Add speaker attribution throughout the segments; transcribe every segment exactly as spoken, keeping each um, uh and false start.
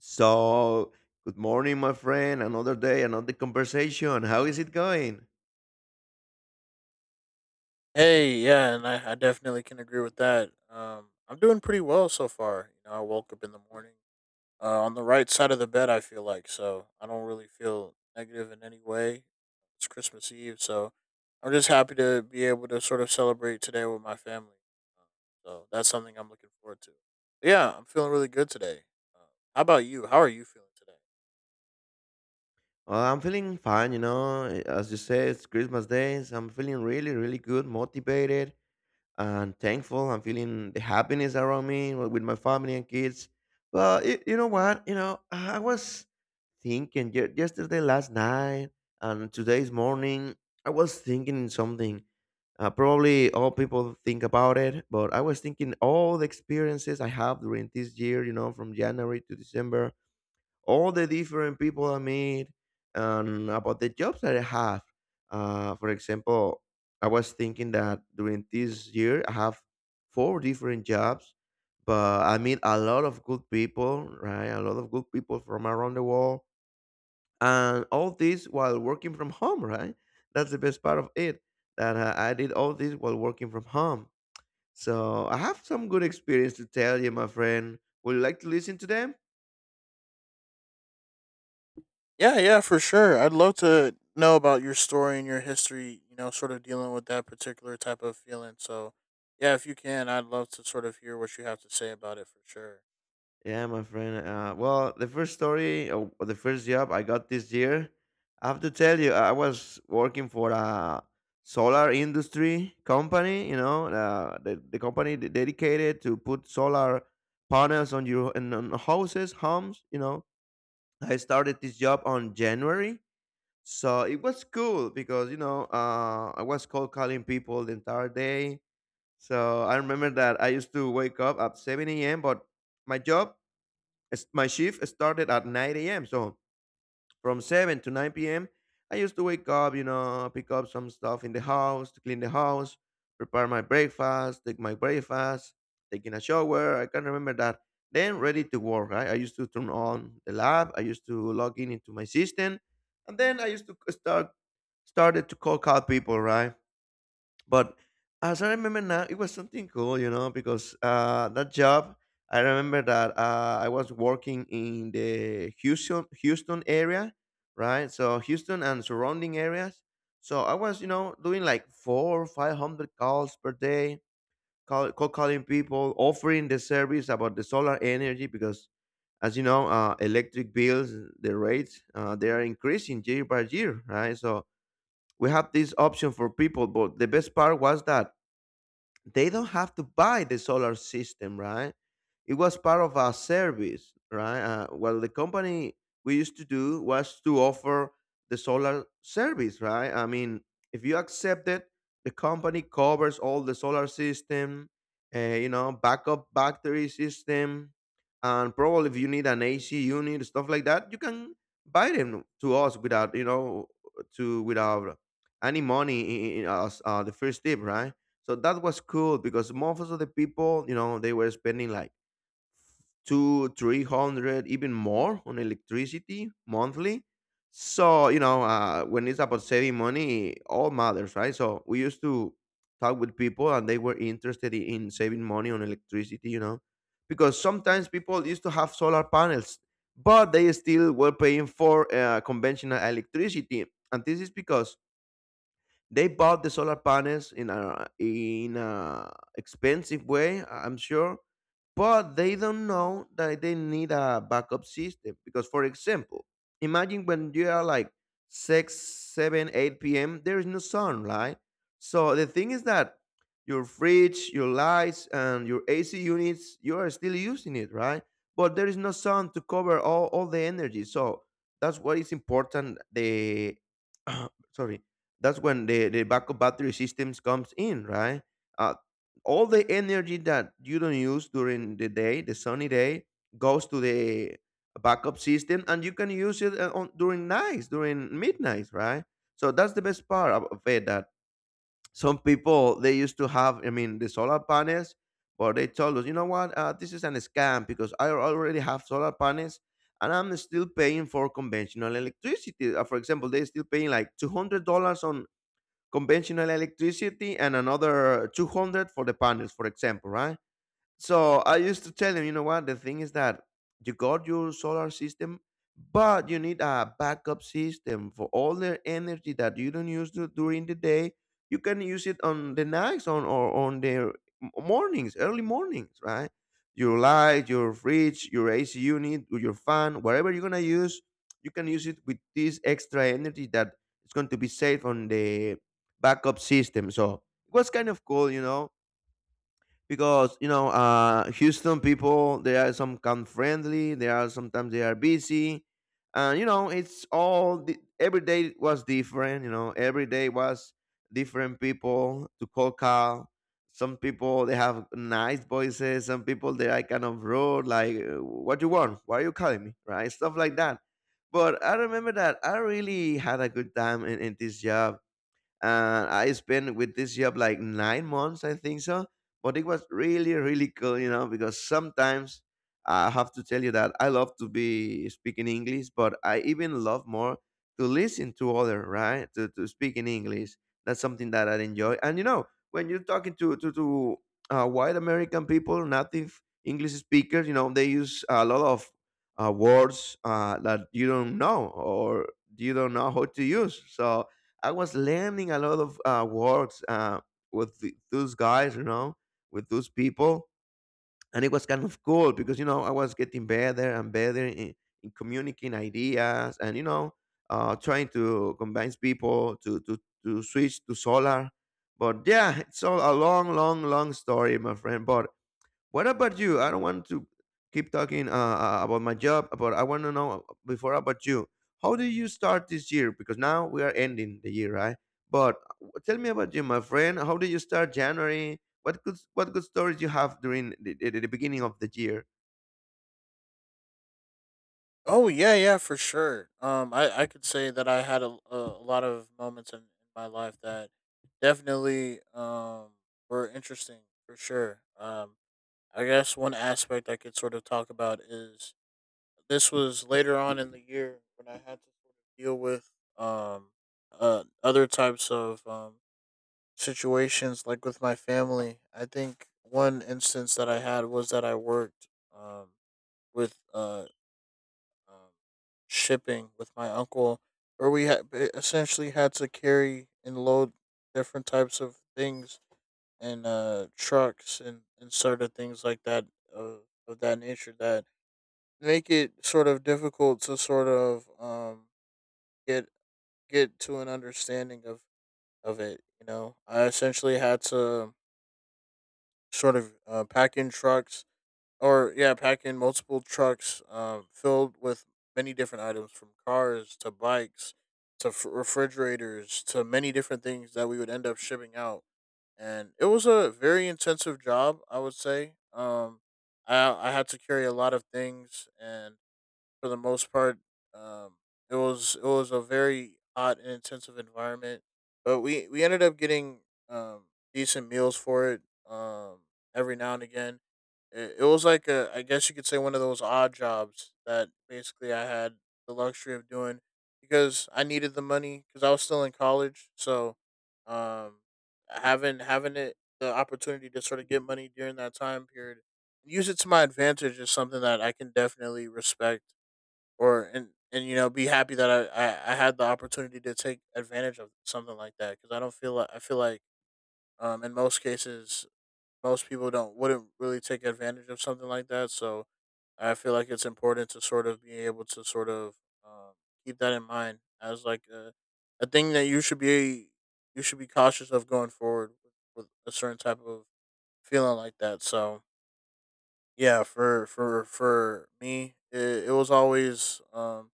Speaker 1: So, good morning, my friend. Another day, another conversation. How is it going?
Speaker 2: Hey, yeah, and I, I definitely can agree with that. Um, I'm doing pretty well so far. You know, I woke up in the morning uh, on the right side of the bed. I feel like so I don't really feel negative in any way. It's Christmas Eve, so I'm just happy to be able to sort of celebrate today with my family. Uh, So that's something I'm looking forward to. But yeah, I'm feeling really good today. Uh, how about you? How are you feeling today?
Speaker 1: Uh, I'm feeling fine, you know. As you said, it's Christmas Day, so I'm feeling really, really good, motivated, and thankful. I'm feeling the happiness around me wi- with my family and kids. But y- you know what? You know, I was thinking ye- yesterday, last night, and today's morning. I was thinking something. Uh, probably all people think about it, but I was thinking all the experiences I have during this year. You know, from January to December, all the different people I meet and about the jobs that I have. Uh, for example, I was thinking that during this year I have four different jobs, but I meet a lot of good people, right? A lot of good people from around the world, and all this while working from home, right? That's the best part of it, that uh, I did all this while working from home. So I have some good experience to tell you, my friend. Would you like to listen to them?
Speaker 2: Yeah, yeah, for sure. I'd love to know about your story and your history, you know, sort of dealing with that particular type of feeling. So, yeah, if you can, I'd love to sort of hear what you have to say about it for sure.
Speaker 1: Yeah, my friend. Uh, well, the first story, uh, the first job I got this year, I have to tell you, I was working for a solar industry company. You know, uh, the the company de- dedicated to put solar panels on your on on houses, homes. You know, I started this job on January, so it was cool because you know uh, I was cold calling people the entire day. So I remember that I used to wake up at seven a m. But my job as- my shift started at nine a m. So from seven to nine p m, I used to wake up, you know, pick up some stuff in the house, to clean the house, prepare my breakfast, take my breakfast, taking a shower. I can remember that. Then ready to work, right? I used to turn on the lab. I used to log in into my system, and then I used to start started to call call people, right? But as I remember now, it was something cool, you know, because uh, that job, I remember that uh, I was working in the Houston Houston area, right? So Houston and surrounding areas. So I was, you know, doing like four or five hundred calls per day, call, cold calling people, offering the service about the solar energy because, as you know, uh, electric bills, the rates, uh, they are increasing year by year, right? So we have this option for people, but the best part was that they don't have to buy the solar system, right? It was part of our service, right? Uh, well, the company we used to do was to offer the solar service, right? I mean, if you accept it, the company covers all the solar system, uh, you know, backup battery system, and probably if you need an A C unit, stuff like that, you can buy them to us without, you know, to without any money in, in, in us, uh, the first tip, right? So that was cool because most of the people, you know, they were spending like two, three hundred, even more on electricity monthly. So you know, uh, when it's about saving money, it all matters, right? So we used to talk with people, and they were interested i- in saving money on electricity, you know, because sometimes people used to have solar panels, but they still were paying for uh, conventional electricity, and this is because they bought the solar panels in a in a expensive way, I- I'm sure, but they don't know that they need a backup system. Because, for example, imagine when you are like six, seven, eight p m. There is no sun, right? So the thing is that your fridge, your lights, and your A C units, you are still using it, right? But there is no sun to cover all, all the energy. So that's what is important. The sorry That's when the, the backup battery systems comes in, right? uh, all the energy that you don't use during the day, the sunny day, goes to the backup system, and you can use it uh, on, during nights, during midnights, right? So that's the best part of of it, that some people, they used to have, I mean, the solar panels, but they told us, you know what? uh, this is an scam, because I already have solar panels and I'm still paying for conventional electricity. uh, for example, they're still paying like two hundred dollars on conventional electricity and another two hundred for the panels, for example, right? So I used to tell him, you know what? The thing is that you got your solar system, but you need a backup system for all the energy that you don't use du- during the day. You can use it on the nights on or on the m- mornings, early mornings, right? Your light, your fridge, your A C unit, or your fan, whatever you're gonna use, you can use it with this extra energy that it's going to be saved on the backup system. So it was kind of cool, you know, because you know uh Houston people, they are some kind friendly, they are sometimes they are busy, and you know it's all di- every day was different. You know, every day was different people to call call. Some people they have nice voices, some people they are kind of rude, like uh, what you want, why are you calling me, right? Stuff like that. But I remember that I really had a good time in, in this job, and I spent with this job like nine months, I think so. But it was really, really cool, you know, because sometimes I have to tell you that I love to be speaking English, but I even love more to listen to other, right? To, to speak in English. That's something that I enjoy. And you know, when you're talking to to, to uh, white American people, native English speakers, you know, they use a lot of uh, words uh, that you don't know or you don't know how to use. So I was learning a lot of uh, words, uh, with the, those guys, you know, with those people, and it was kind of cool because you know I was getting better and better in, in communicating ideas, and you know, uh, trying to convince people to to to switch to solar. But yeah, it's all a long, long, long story, my friend. But what about you? I don't want to keep talking uh, uh, about my job, but I want to know uh, before about you. How did you start this year? Because now we are ending the year, right? But uh, tell me about you, my friend. How did you start January? What good what good stories you have during the, the, the beginning of the year?
Speaker 2: Oh, yeah, yeah, for sure. Um I I could say that I had a a, a lot of moments in, in my life that definitely um were interesting for sure. Um I guess one aspect I could sort of talk about is this was later on in the year when I had to sort of deal with um uh other types of um situations like with my family. I think one instance that I had was that I worked um with uh um, shipping with my uncle where we had eh, essentially had to carry and load different types of things and uh trucks and and sort of things like that of, of that nature that make it sort of difficult to sort of um get get to an understanding of of it. You know, I essentially had to sort of uh, pack in trucks, or yeah, pack in multiple trucks um filled with many different items from cars to bikes to f- refrigerators, to many different things that we would end up shipping out. And it was a very intensive job, I would say. um i i had to carry a lot of things, and for the most part. Um, it was it was a very hot and intensive environment, but we we ended up getting um decent meals for it. Um, every now and again, it, it was like a, I guess you could say, one of those odd jobs that basically I had the luxury of doing because I needed the money because I was still in college. So um having having it the opportunity to sort of get money during that time period, use it to my advantage, is something that I can definitely respect. Or and and you know, be happy that I, I I had the opportunity to take advantage of something like that, because I don't feel like — I feel like um in most cases, most people don't — wouldn't really take advantage of something like that. So I feel like it's important to sort of be able to sort of um, keep that in mind as like a, a thing that you should be — you should be cautious of going forward with, with a certain type of feeling like that. So yeah, for for for me, it, it was always um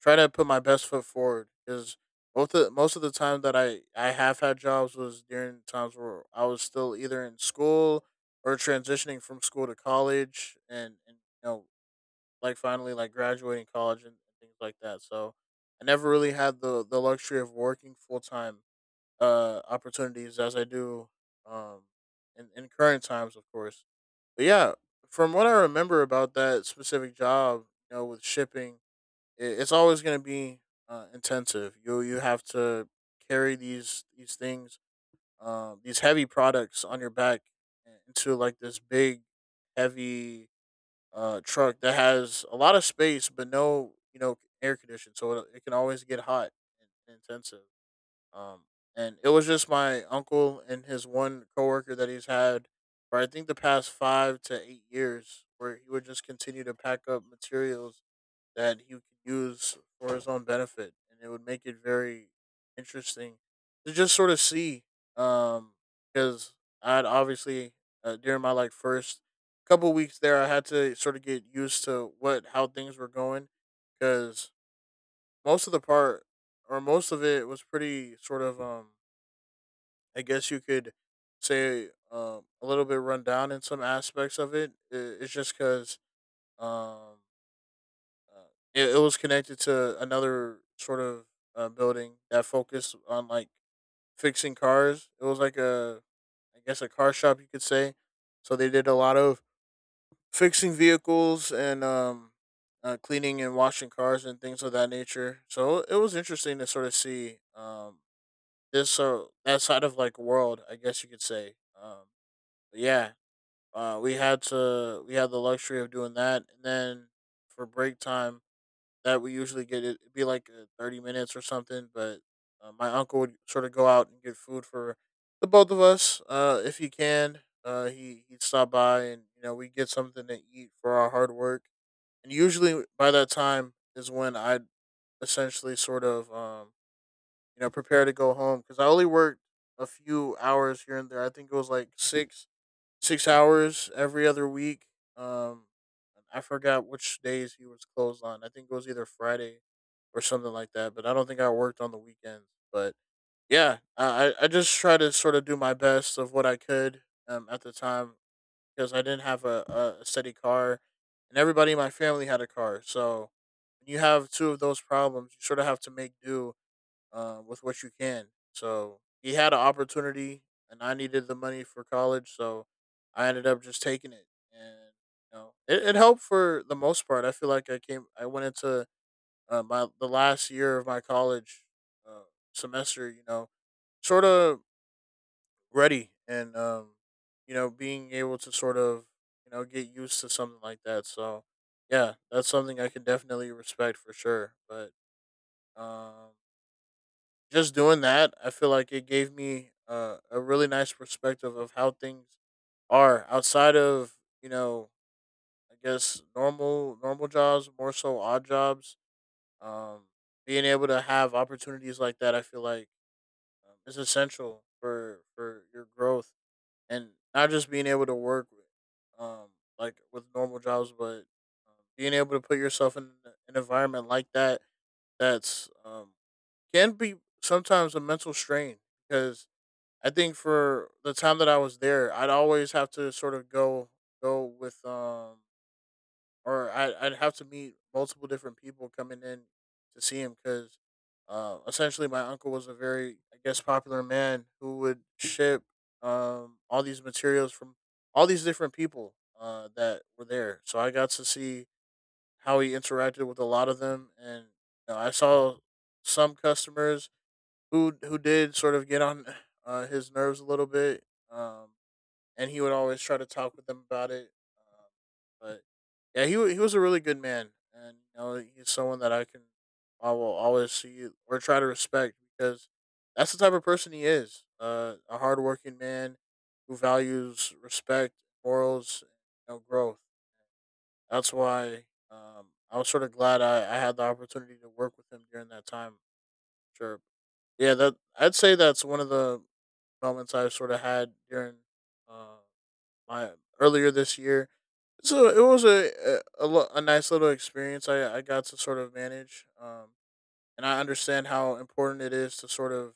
Speaker 2: try to put my best foot forward, because both of, most of the time that I, I have had jobs was during times where I was still either in school, or transitioning from school to college, and, and you know, like finally like graduating college and things like that. So I never really had the, the luxury of working full time uh, opportunities as I do um, in, in current times, of course. But yeah, from what I remember about that specific job, you know, with shipping, it, it's always going to be uh, intensive. You — you have to carry these these things, um, these heavy products on your back into like this big, heavy uh, truck that has a lot of space but no, you know, air conditioning. So, it, it can always get hot and, and intensive. Um, and it was just my uncle and his one coworker that he's had for, I think, the past five to eight years, where he would just continue to pack up materials that he could use for his own benefit, and it would make it very interesting to just sort of see. Um, because I'd obviously uh, during my like first couple weeks there, I had to sort of get used to what — how things were going, because most of the part, or most of it, was pretty sort of um, I guess you could say, um a little bit run down in some aspects of it. I- It's just because. Um, uh, it, it was connected to another sort of uh, building that focused on like fixing cars. It was like a, I guess, a car shop, you could say. So they did a lot of fixing vehicles and um, uh, cleaning and washing cars and things of that nature. So it was interesting to sort of see um, this — so that side of like world, I guess you could say. Um, but yeah, uh, we had to we had the luxury of doing that, and then for break time that we usually get, it it'd be like uh, thirty minutes or something. But uh, my uncle would sort of go out and get food for the both of us, uh, if he can. uh, he, he'd stop by and, you know, we get something to eat for our hard work. And usually by that time is when I'd essentially sort of um, you know, prepare to go home, because I only worked a few hours here and there. I think it was like six six hours every other week. Um, I forgot which days he was closed on. I think it was either Friday or something like that. But I don't think I worked on the weekends. But yeah, I I I just try to sort of do my best of what I could um, at the time, because I didn't have a, a steady car, and everybody in my family had a car. So when you have two of those problems, you sort of have to make do um, with what you can. So he had an opportunity, and I needed the money for college, so I ended up just taking it. And you know, it, it helped for the most part. I feel like I came — I went into uh, my the last year of my college uh, semester, you know, sort of ready, and um, you know, being able to sort of, you know, get used to something like that. So yeah, that's something I can definitely respect for sure, but. Um, just doing that, I feel like it gave me uh, a really nice perspective of how things are outside of, you know, I guess normal normal jobs, more so odd jobs. Um, being able to have opportunities like that, I feel like um, is essential for for your growth, and not just being able to work with um, like with normal jobs, but um, being able to put yourself in an environment like that that's um, can be sometimes a mental strain because I think for the time that I was there, I'd always have to sort of go go with um or I I'd have to meet multiple different people coming in to see him, because uh essentially my uncle was a very, I guess, popular man who would ship um all these materials from all these different people uh that were there. So I got to see how he interacted with a lot of them. And you know, I saw some customers who who did sort of get on uh, his nerves a little bit. um, and he would always try to talk with them about it. Um, but yeah, he wa- he was a really good man, and you know, he's someone that I can — I will always see or try to respect, because that's the type of person he is. Uh, a hardworking man who values respect, morals, and, you know, growth. That's why um, I was sort of glad I, I had the opportunity to work with him during that time. Sure, yeah, that I'd say that's one of the moments I've sort of had during uh, my earlier this year. So it was a a, a lo- a nice little experience I, I got to sort of manage. um, and I understand how important it is to sort of,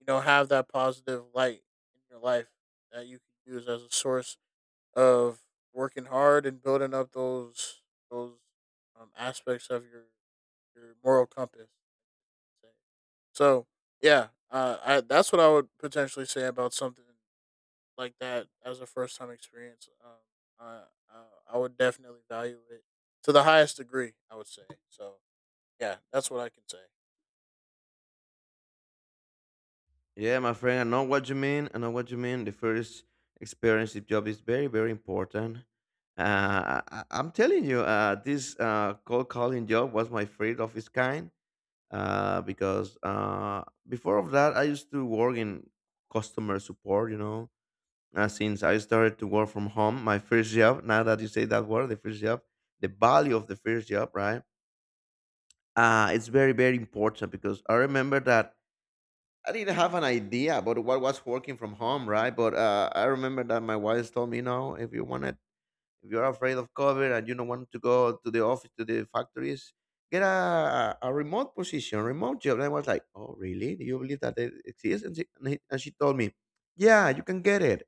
Speaker 2: you know, have that positive light in your life that you can use as a source of working hard and building up those those um, aspects of your your moral compass. So yeah, uh, I that's what I would potentially say about something like that as a first time experience. Um, I, I I would definitely value it to the highest degree, I would say so. Yeah, that's what I can say.
Speaker 1: Yeah, my friend, I know what you mean. I know what you mean. The first experience with job is very, very important. Uh, I, I- I'm telling you, uh, this uh, cold calling job was my favorite of its kind. uh, because uh, before of that, I used to work in customer support. You know, uh, since I started to work from home, my first job. Now that you say that word, the first job, the value of the first job, right? Uh, it's very very important because I remember that I didn't have an idea about what was working from home, right? But uh, I remember that my wife told me, no, if you wanted if you're afraid of COVID and you don't want to go to the office, to the factories, get a, a remote position, remote job. And I was like, oh, really? Do you believe that it exists? And she, and he- and she told me, yeah, you can get it.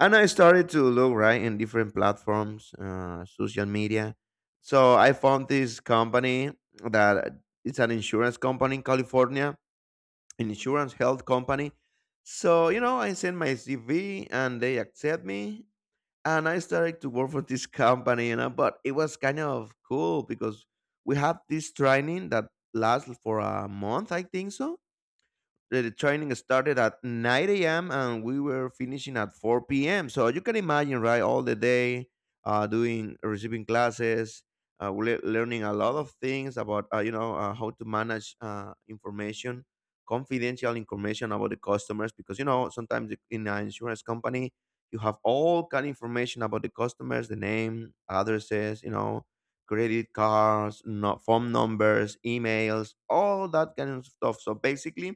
Speaker 1: And I started to look, right, in different platforms, uh, social media. So I found this company that it's an insurance company in California, an insurance health company. So, you know, I sent my C V and they accept me and I started to work for this company, you know, but it was kind of cool because we have this training that lasts for a month, I think so. The training started at nine a m and we were finishing at four p m. So you can imagine, right? All the day, uh, doing receiving classes, uh, le- learning a lot of things about uh, you know uh, how to manage uh, information, confidential information about the customers, because you know sometimes in an insurance company you have all kind of information about the customers, the name, addresses, you know, credit cards, no, phone numbers, emails, all that kind of stuff. So basically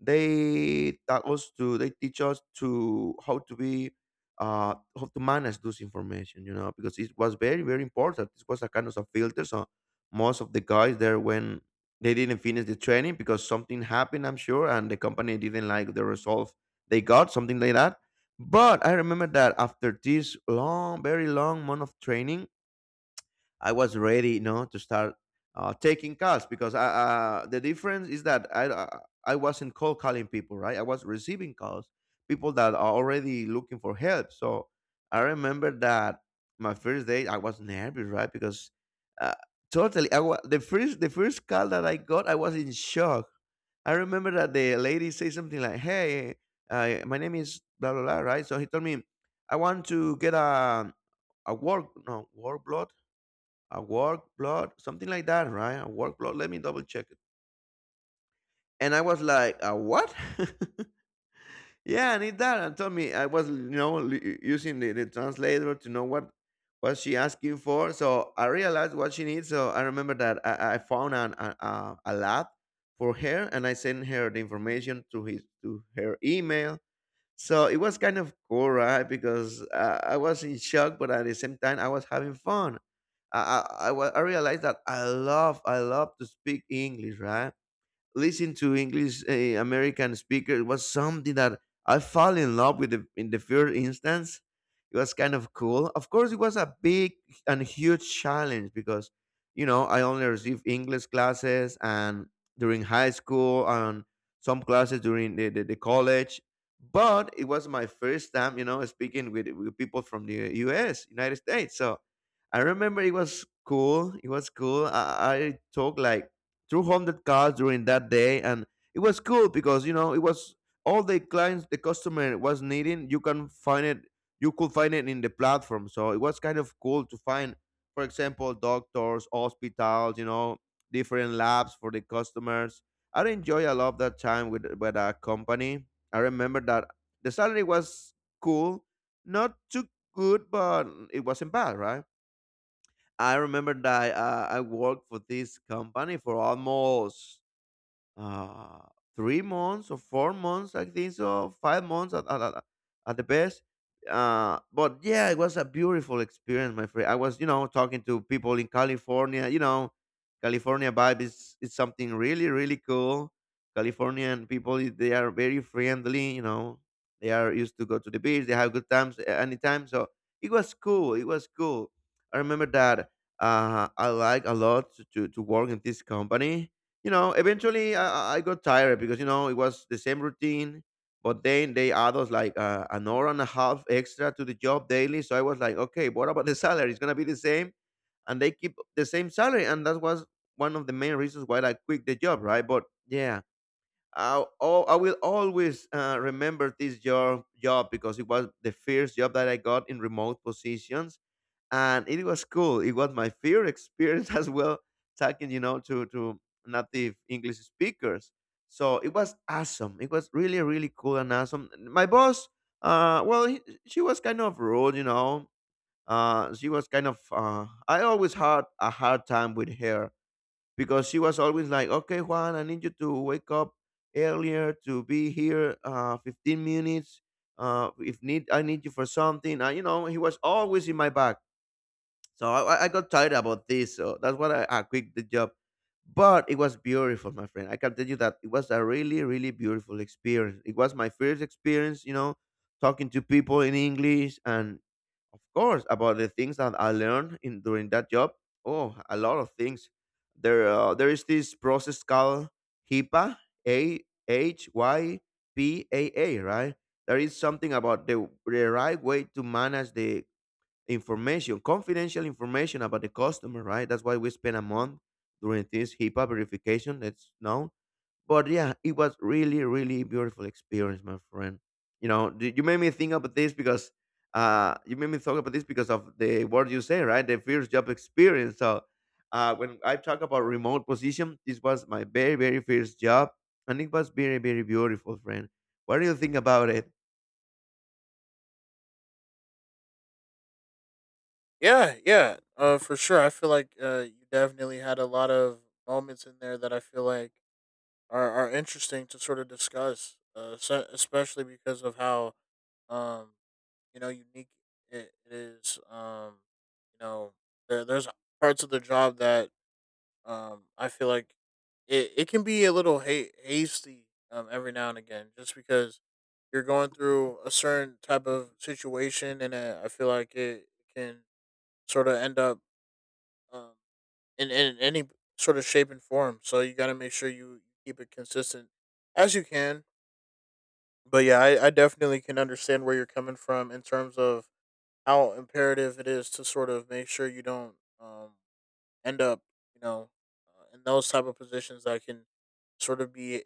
Speaker 1: they tell us to they teach us to how to be uh how to manage those information, you know, because it was very, very important. This was a kind of a filter. So most of the guys there when they didn't finish the training because something happened, I'm sure, and the company didn't like the result they got, something like that. But I remember that after this long, very long month of training, I was ready, you know, to start uh, taking calls because I, uh, The difference is that I uh, I wasn't cold calling people, right? I was receiving calls, people that are already looking for help. So I remember that my first day I was nervous, right? Because uh, totally, I wa- the first the first call that I got, I was in shock. I remember that the lady said something like, "Hey, uh, my name is blah blah blah," right? So he told me, "I want to get a a work no work a work blood," something like that, right? A work blood. Let me double check it. And I was like, a what? Yeah, I need that. And told me I was, you know, l- using the, the translator to know what was she asking for. So I realized what she needs. So I remember that I, I found an, a, a a lab for her, and I sent her the information to his to her email. So it was kind of cool, right? Because uh, I was in shock, but at the same time, I was having fun. I, I, I wa- I realized that I love I love to speak English, right? Listen to English uh, American speakers was something that I fell in love with the, in the first instance. It was kind of cool. Of course, it was a big and huge challenge because you know I only received English classes and during high school and some classes during the, the, the college. But it was my first time, you know, speaking with, with people from the U S. United States. So I remember it was cool. It was cool. I, I took like two hundred calls during that day, and it was cool because you know it was all the clients the customer was needing. You can find it. You could find it in the platform. So it was kind of cool to find, for example, doctors, hospitals, you know, different labs for the customers. I enjoy a lot that time with with a company. I remember that the salary was cool, not too good, but it wasn't bad, right? I remember that uh, I worked for this company for almost uh, three months or four months, I think so, five months at, at, at, at the best. Uh, but yeah, it was a beautiful experience, my friend. I was, you know, talking to people in California. You know, California vibe is, is something really, really cool. Californian people, i- they are very friendly. You know, they are used to go to the beach. They have good times a- anytime. So it was cool. It was cool. I remember that uh, I like a lot to, to, to work in this company, you know, eventually I, I I got tired because you know it was the same routine, but then they add us like uh, an hour and a half extra to the job daily. So I was like, okay, what about the salary? It's gonna be the same, and they keep the same salary, and that was one of the main reasons why I quit the job, right? But yeah, I oh, I will always uh, remember this job job because it was the first job that I got in remote positions and it was cool. It was my first experience as well, talking, you know, to to native English speakers. So it was awesome. It was really, really cool and awesome. My boss, uh, well, he, she was kind of rude, you know. Uh, she was kind of. Uh, I always had a hard time with her because she was always like, "Okay, Juan, I need you to wake up earlier to be here, uh, fifteen minutes. Uh, if need, I need you for something." Uh, you know, he was always in my back, so I, I I got tired about this. So that's why I, I quit the job. But it was beautiful, my friend. I can tell you that it was a really, really beautiful experience. It was my first experience, you know, talking to people in English and of course about the things that I learned in during that job. Oh, a lot of things. There uh, there is this process called HIPAA, A H Y P A A, right? There is something about the, the right way to manage the information, confidential information about the customer, right? That's why we spent a month during this HIPAA verification. That's known. But yeah, it was really, really beautiful experience, my friend. You know, d- you made me think about this because uh, you made me talk about this because of the word you say, right? The first job experience. So uh, when I talk about remote position, this was my very, very first job, and it was very, very beautiful, friend. What do you think about it?
Speaker 2: Yeah, yeah, uh, for sure. I feel like uh, you definitely had a lot of moments in there that I feel like are are interesting to sort of discuss, uh, se- especially because of how um you know unique it, it is. Um, you know, there, there's parts of the job that um I feel like it, it can be a little ha- hasty um every now and again, just because you're going through a certain type of situation, and uh, I feel like it can sort of end up Um, in in any sort of shape and form. So you got to make sure you keep it consistent as you can. But yeah, I, I definitely can understand where you're coming from in terms of how imperative it is to sort of make sure you don't um, end up, you know, uh, in those type of positions that can sort of be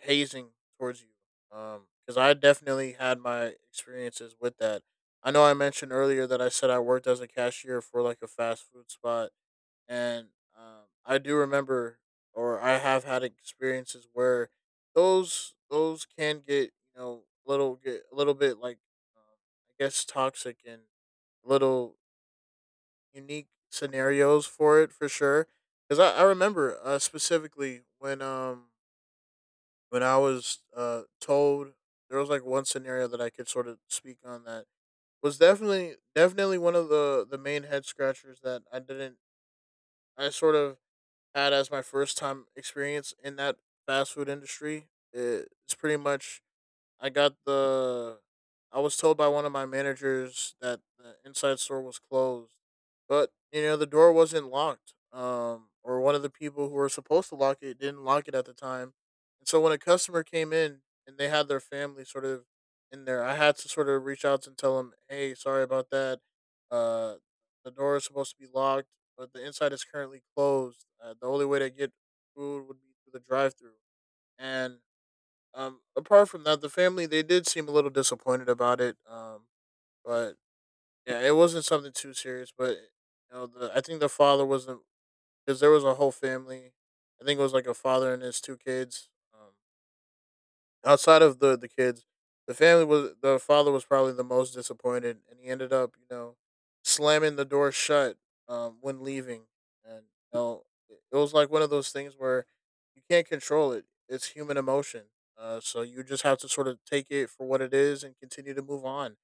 Speaker 2: hazing towards you. Because I definitely had my experiences with that. I know I mentioned earlier that I said I worked as a cashier for like a fast food spot, and um, I do remember, or I have had experiences where those those can get you know little get a little bit like, um, I guess toxic and little unique scenarios for it for sure. Because I, I remember uh, specifically when um when I was uh told there was like one scenario that I could sort of speak on that was definitely definitely one of the the main head scratchers that I didn't I sort of had as my first time experience in that fast food industry. It's pretty much I got the. I was told by one of my managers that the inside store was closed, but you know the door wasn't locked. Um, or one of the people who were supposed to lock it didn't lock it at the time, and so when a customer came in and they had their family sort of in there, I had to sort of reach out and tell them, "Hey, sorry about that. Uh, the door is supposed to be locked, but the inside is currently closed. Uh, the only way to get food would be through the drive-through." And um, apart from that, the family they did seem a little disappointed about it. Um, but yeah, it wasn't something too serious. But you know, the I think the father wasn't, because there was a whole family. I think it was like a father and his two kids. Um, outside of the the kids, the family was the father was probably the most disappointed, and he ended up you know slamming the door shut um, when leaving, and you know it it was like one of those things where you can't control it. It's human emotion, uh, so you just have to sort of take it for what it is and continue to move on.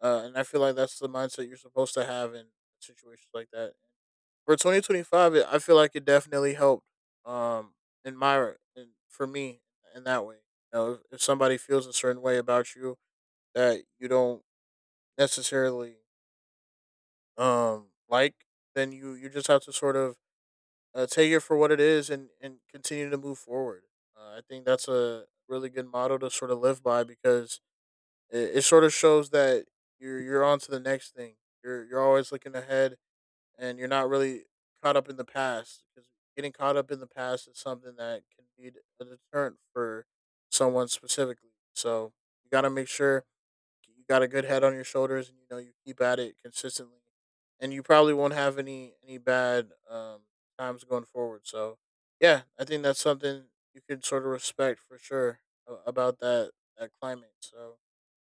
Speaker 2: Uh, and I feel like that's the mindset you're supposed to have in situations like that. For twenty twenty-five, I feel like it definitely helped. Um, in my and For me in that way, you know, if, if somebody feels a certain way about you that you don't necessarily um like, then you you just have to sort of uh, take it for what it is and and continue to move forward. Uh, I think that's a really good motto to sort of live by because it, it sort of shows that you're you're on to the next thing. You're you're always looking ahead and you're not really caught up in the past, because getting caught up in the past is something that can be a deterrent for someone specifically. So you got to make sure you got a good head on your shoulders and you know you keep at it consistently and you probably won't have any any bad um times going forward. So yeah, I think that's something you can sort of respect for sure a- about that that climate. So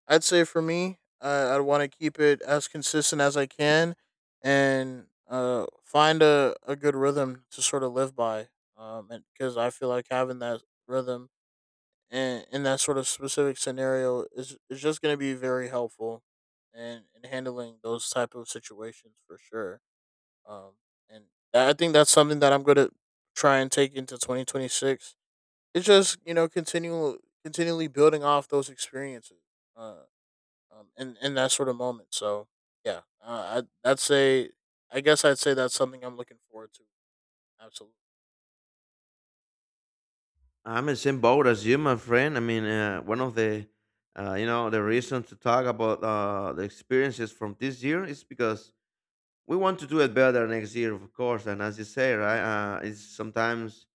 Speaker 2: I'd say for me, uh, I want to keep it as consistent as I can, and uh find a, a good rhythm to sort of live by, um and because I feel like having that rhythm and in that sort of specific scenario is is just going to be very helpful and in in handling those type of situations for sure. um and i I think that's something that I'm going to try and take into twenty twenty-six. It's just you know continual continually building off those experiences uh um in in that sort of moment. So yeah, uh, I that's a, I guess I'd say that's something I'm looking forward to, absolutely.
Speaker 1: I'm in the same boat as you, my friend. I mean, uh, one of the uh, you know the reasons to talk about uh, the experiences from this year is because we want to do it better next year, of course. And as you say, right, uh, it's sometimes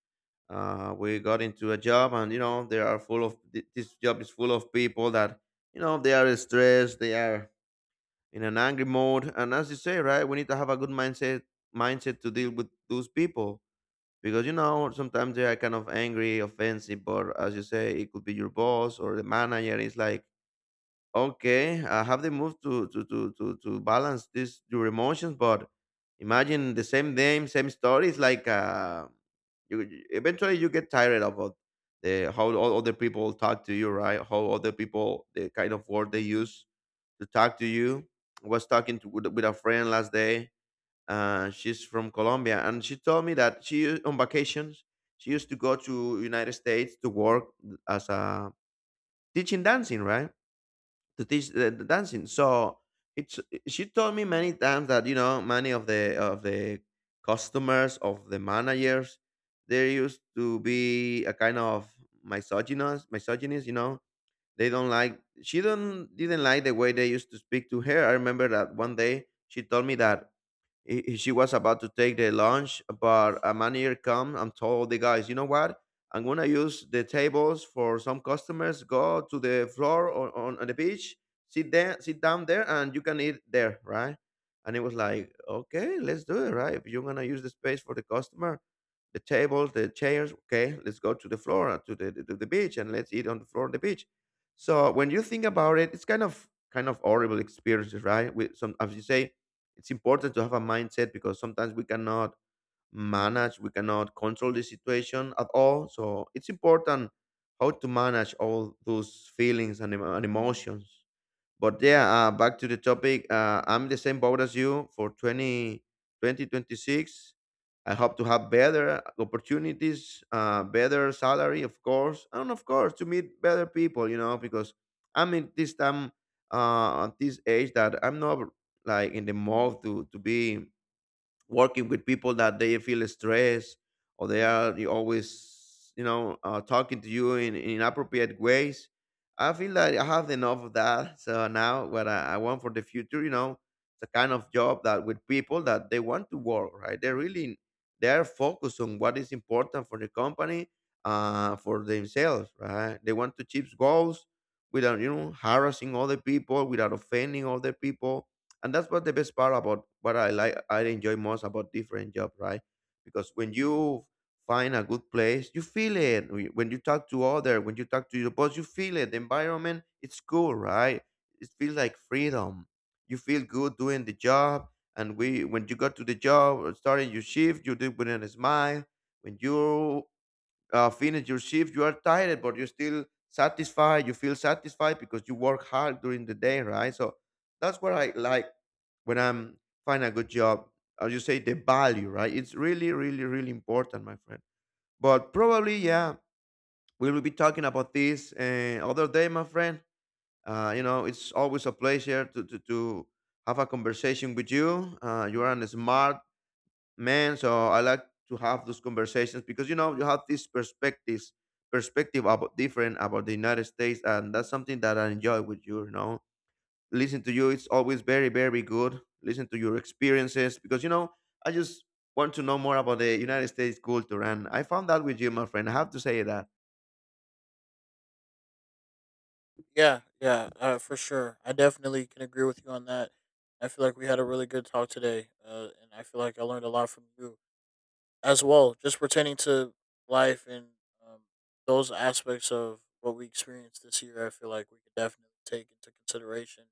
Speaker 1: uh, we got into a job, and you know they are full of thi- this job is full of people that you know they are stressed, they are in an angry mode, and as you say, right, we need to have a good mindset mindset to deal with those people because you know sometimes they are kind of angry offensive, but as you say, it could be your boss or the manager. It's like okay, uh, have they moved to to to to, to balance this your emotions, but imagine the same name same story. It's like uh you you- eventually you get tired of all the how all other people talk to you, right, how other people the kind of word they use to talk to you. I was talking to, with, with a friend last day. uh, she's from Colombia, and she told me that she on vacations she used to go to United States to work as a teaching dancing, right? To teach the, the dancing. So it's she told me many times that you know many of the of the customers of the managers there used to be a kind of misogynist, misogynist, you know. They don't like she don't didn't like the way they used to speak to her. I remember that one day she told me that i- she was about to take the lunch, but a manager come and told the guys, you know what? I'm gonna use the tables for some customers. Go to the floor on, on, on the beach, sit there, sit down there, and you can eat there, right? And it was like, okay, let's do it, right? If you're gonna use the space for the customer, the table, the chairs. Okay, let's go to the floor, uh, to the to the beach, and let's eat on the floor of the beach. So when you think about it, it's kind of kind of horrible experiences, right? With some, as you say, it's important to have a mindset because sometimes we cannot manage, we cannot control the situation at all. So it's important how to manage all those feelings and, emo- and emotions. But yeah, uh, back to the topic. Uh, I'm the same boat as you for twenty twenty twenty six. I hope to have better opportunities, uh, better salary, of course, and of course to meet better people. You know, because I'm in this time, uh, at this age that I'm not like in the mood to to be working with people that they feel stressed, or they are you always you know uh, talking to you in, in inappropriate ways. I feel that I have enough of that. So now what I, I want for the future, you know, it's a kind of job that with people that they want to work, right, they really they are focused on what is important for the company, uh, for themselves, right, they want to achieve goals without, you know, harassing other people, without offending other people. And that's what the best part about what I like, I enjoy most about different job, right? Because when you find a good place, you feel it. Wh- when you talk to other, when you talk to your boss, you feel it. The environment it's cool, right? It feels like freedom. You feel good doing the job, and we when you got to the job or starting your shift, you do it with a smile. When you uh, finish your shift, you are tired, but you're still satisfied. You feel satisfied because you work hard during the day, right? So that's what I like when I'm find a good job. As you say, the value, right? It's really, really, really important, my friend. But probably, yeah, we will be talking about this uh, other day, my friend. Uh, you know, it's always a pleasure to, to, to have a conversation with you. Uh, you are a smart man, so I like to have those conversations because you know you have these perspectives perspective about different about the United States, and that's something that I enjoy with you. You know, listen to you, it's always very, very good listen to your experiences, because you know I just want to know more about the United States culture, and I found that with you, my friend. I have to say that
Speaker 2: Yeah, yeah, uh, for sure. I definitely can agree with you on that. I feel like we had a really good talk today, uh, and I feel like I learned a lot from you as well, just pertaining to life and um, those aspects of what we experienced this year. I feel like we could definitely take into consideration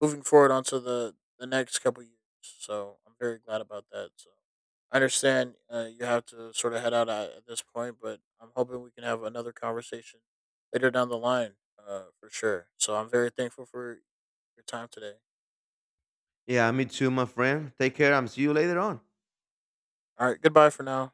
Speaker 2: moving forward onto the the next couple years. So I'm very glad about that. So I understand uh, you have to sort of head out at, at this point, but I'm hoping we can have another conversation later down the line, uh, for sure. So I'm very thankful for your time today.
Speaker 1: yeah, me too, my friend. Take care and see you later on.
Speaker 2: All right, goodbye for now.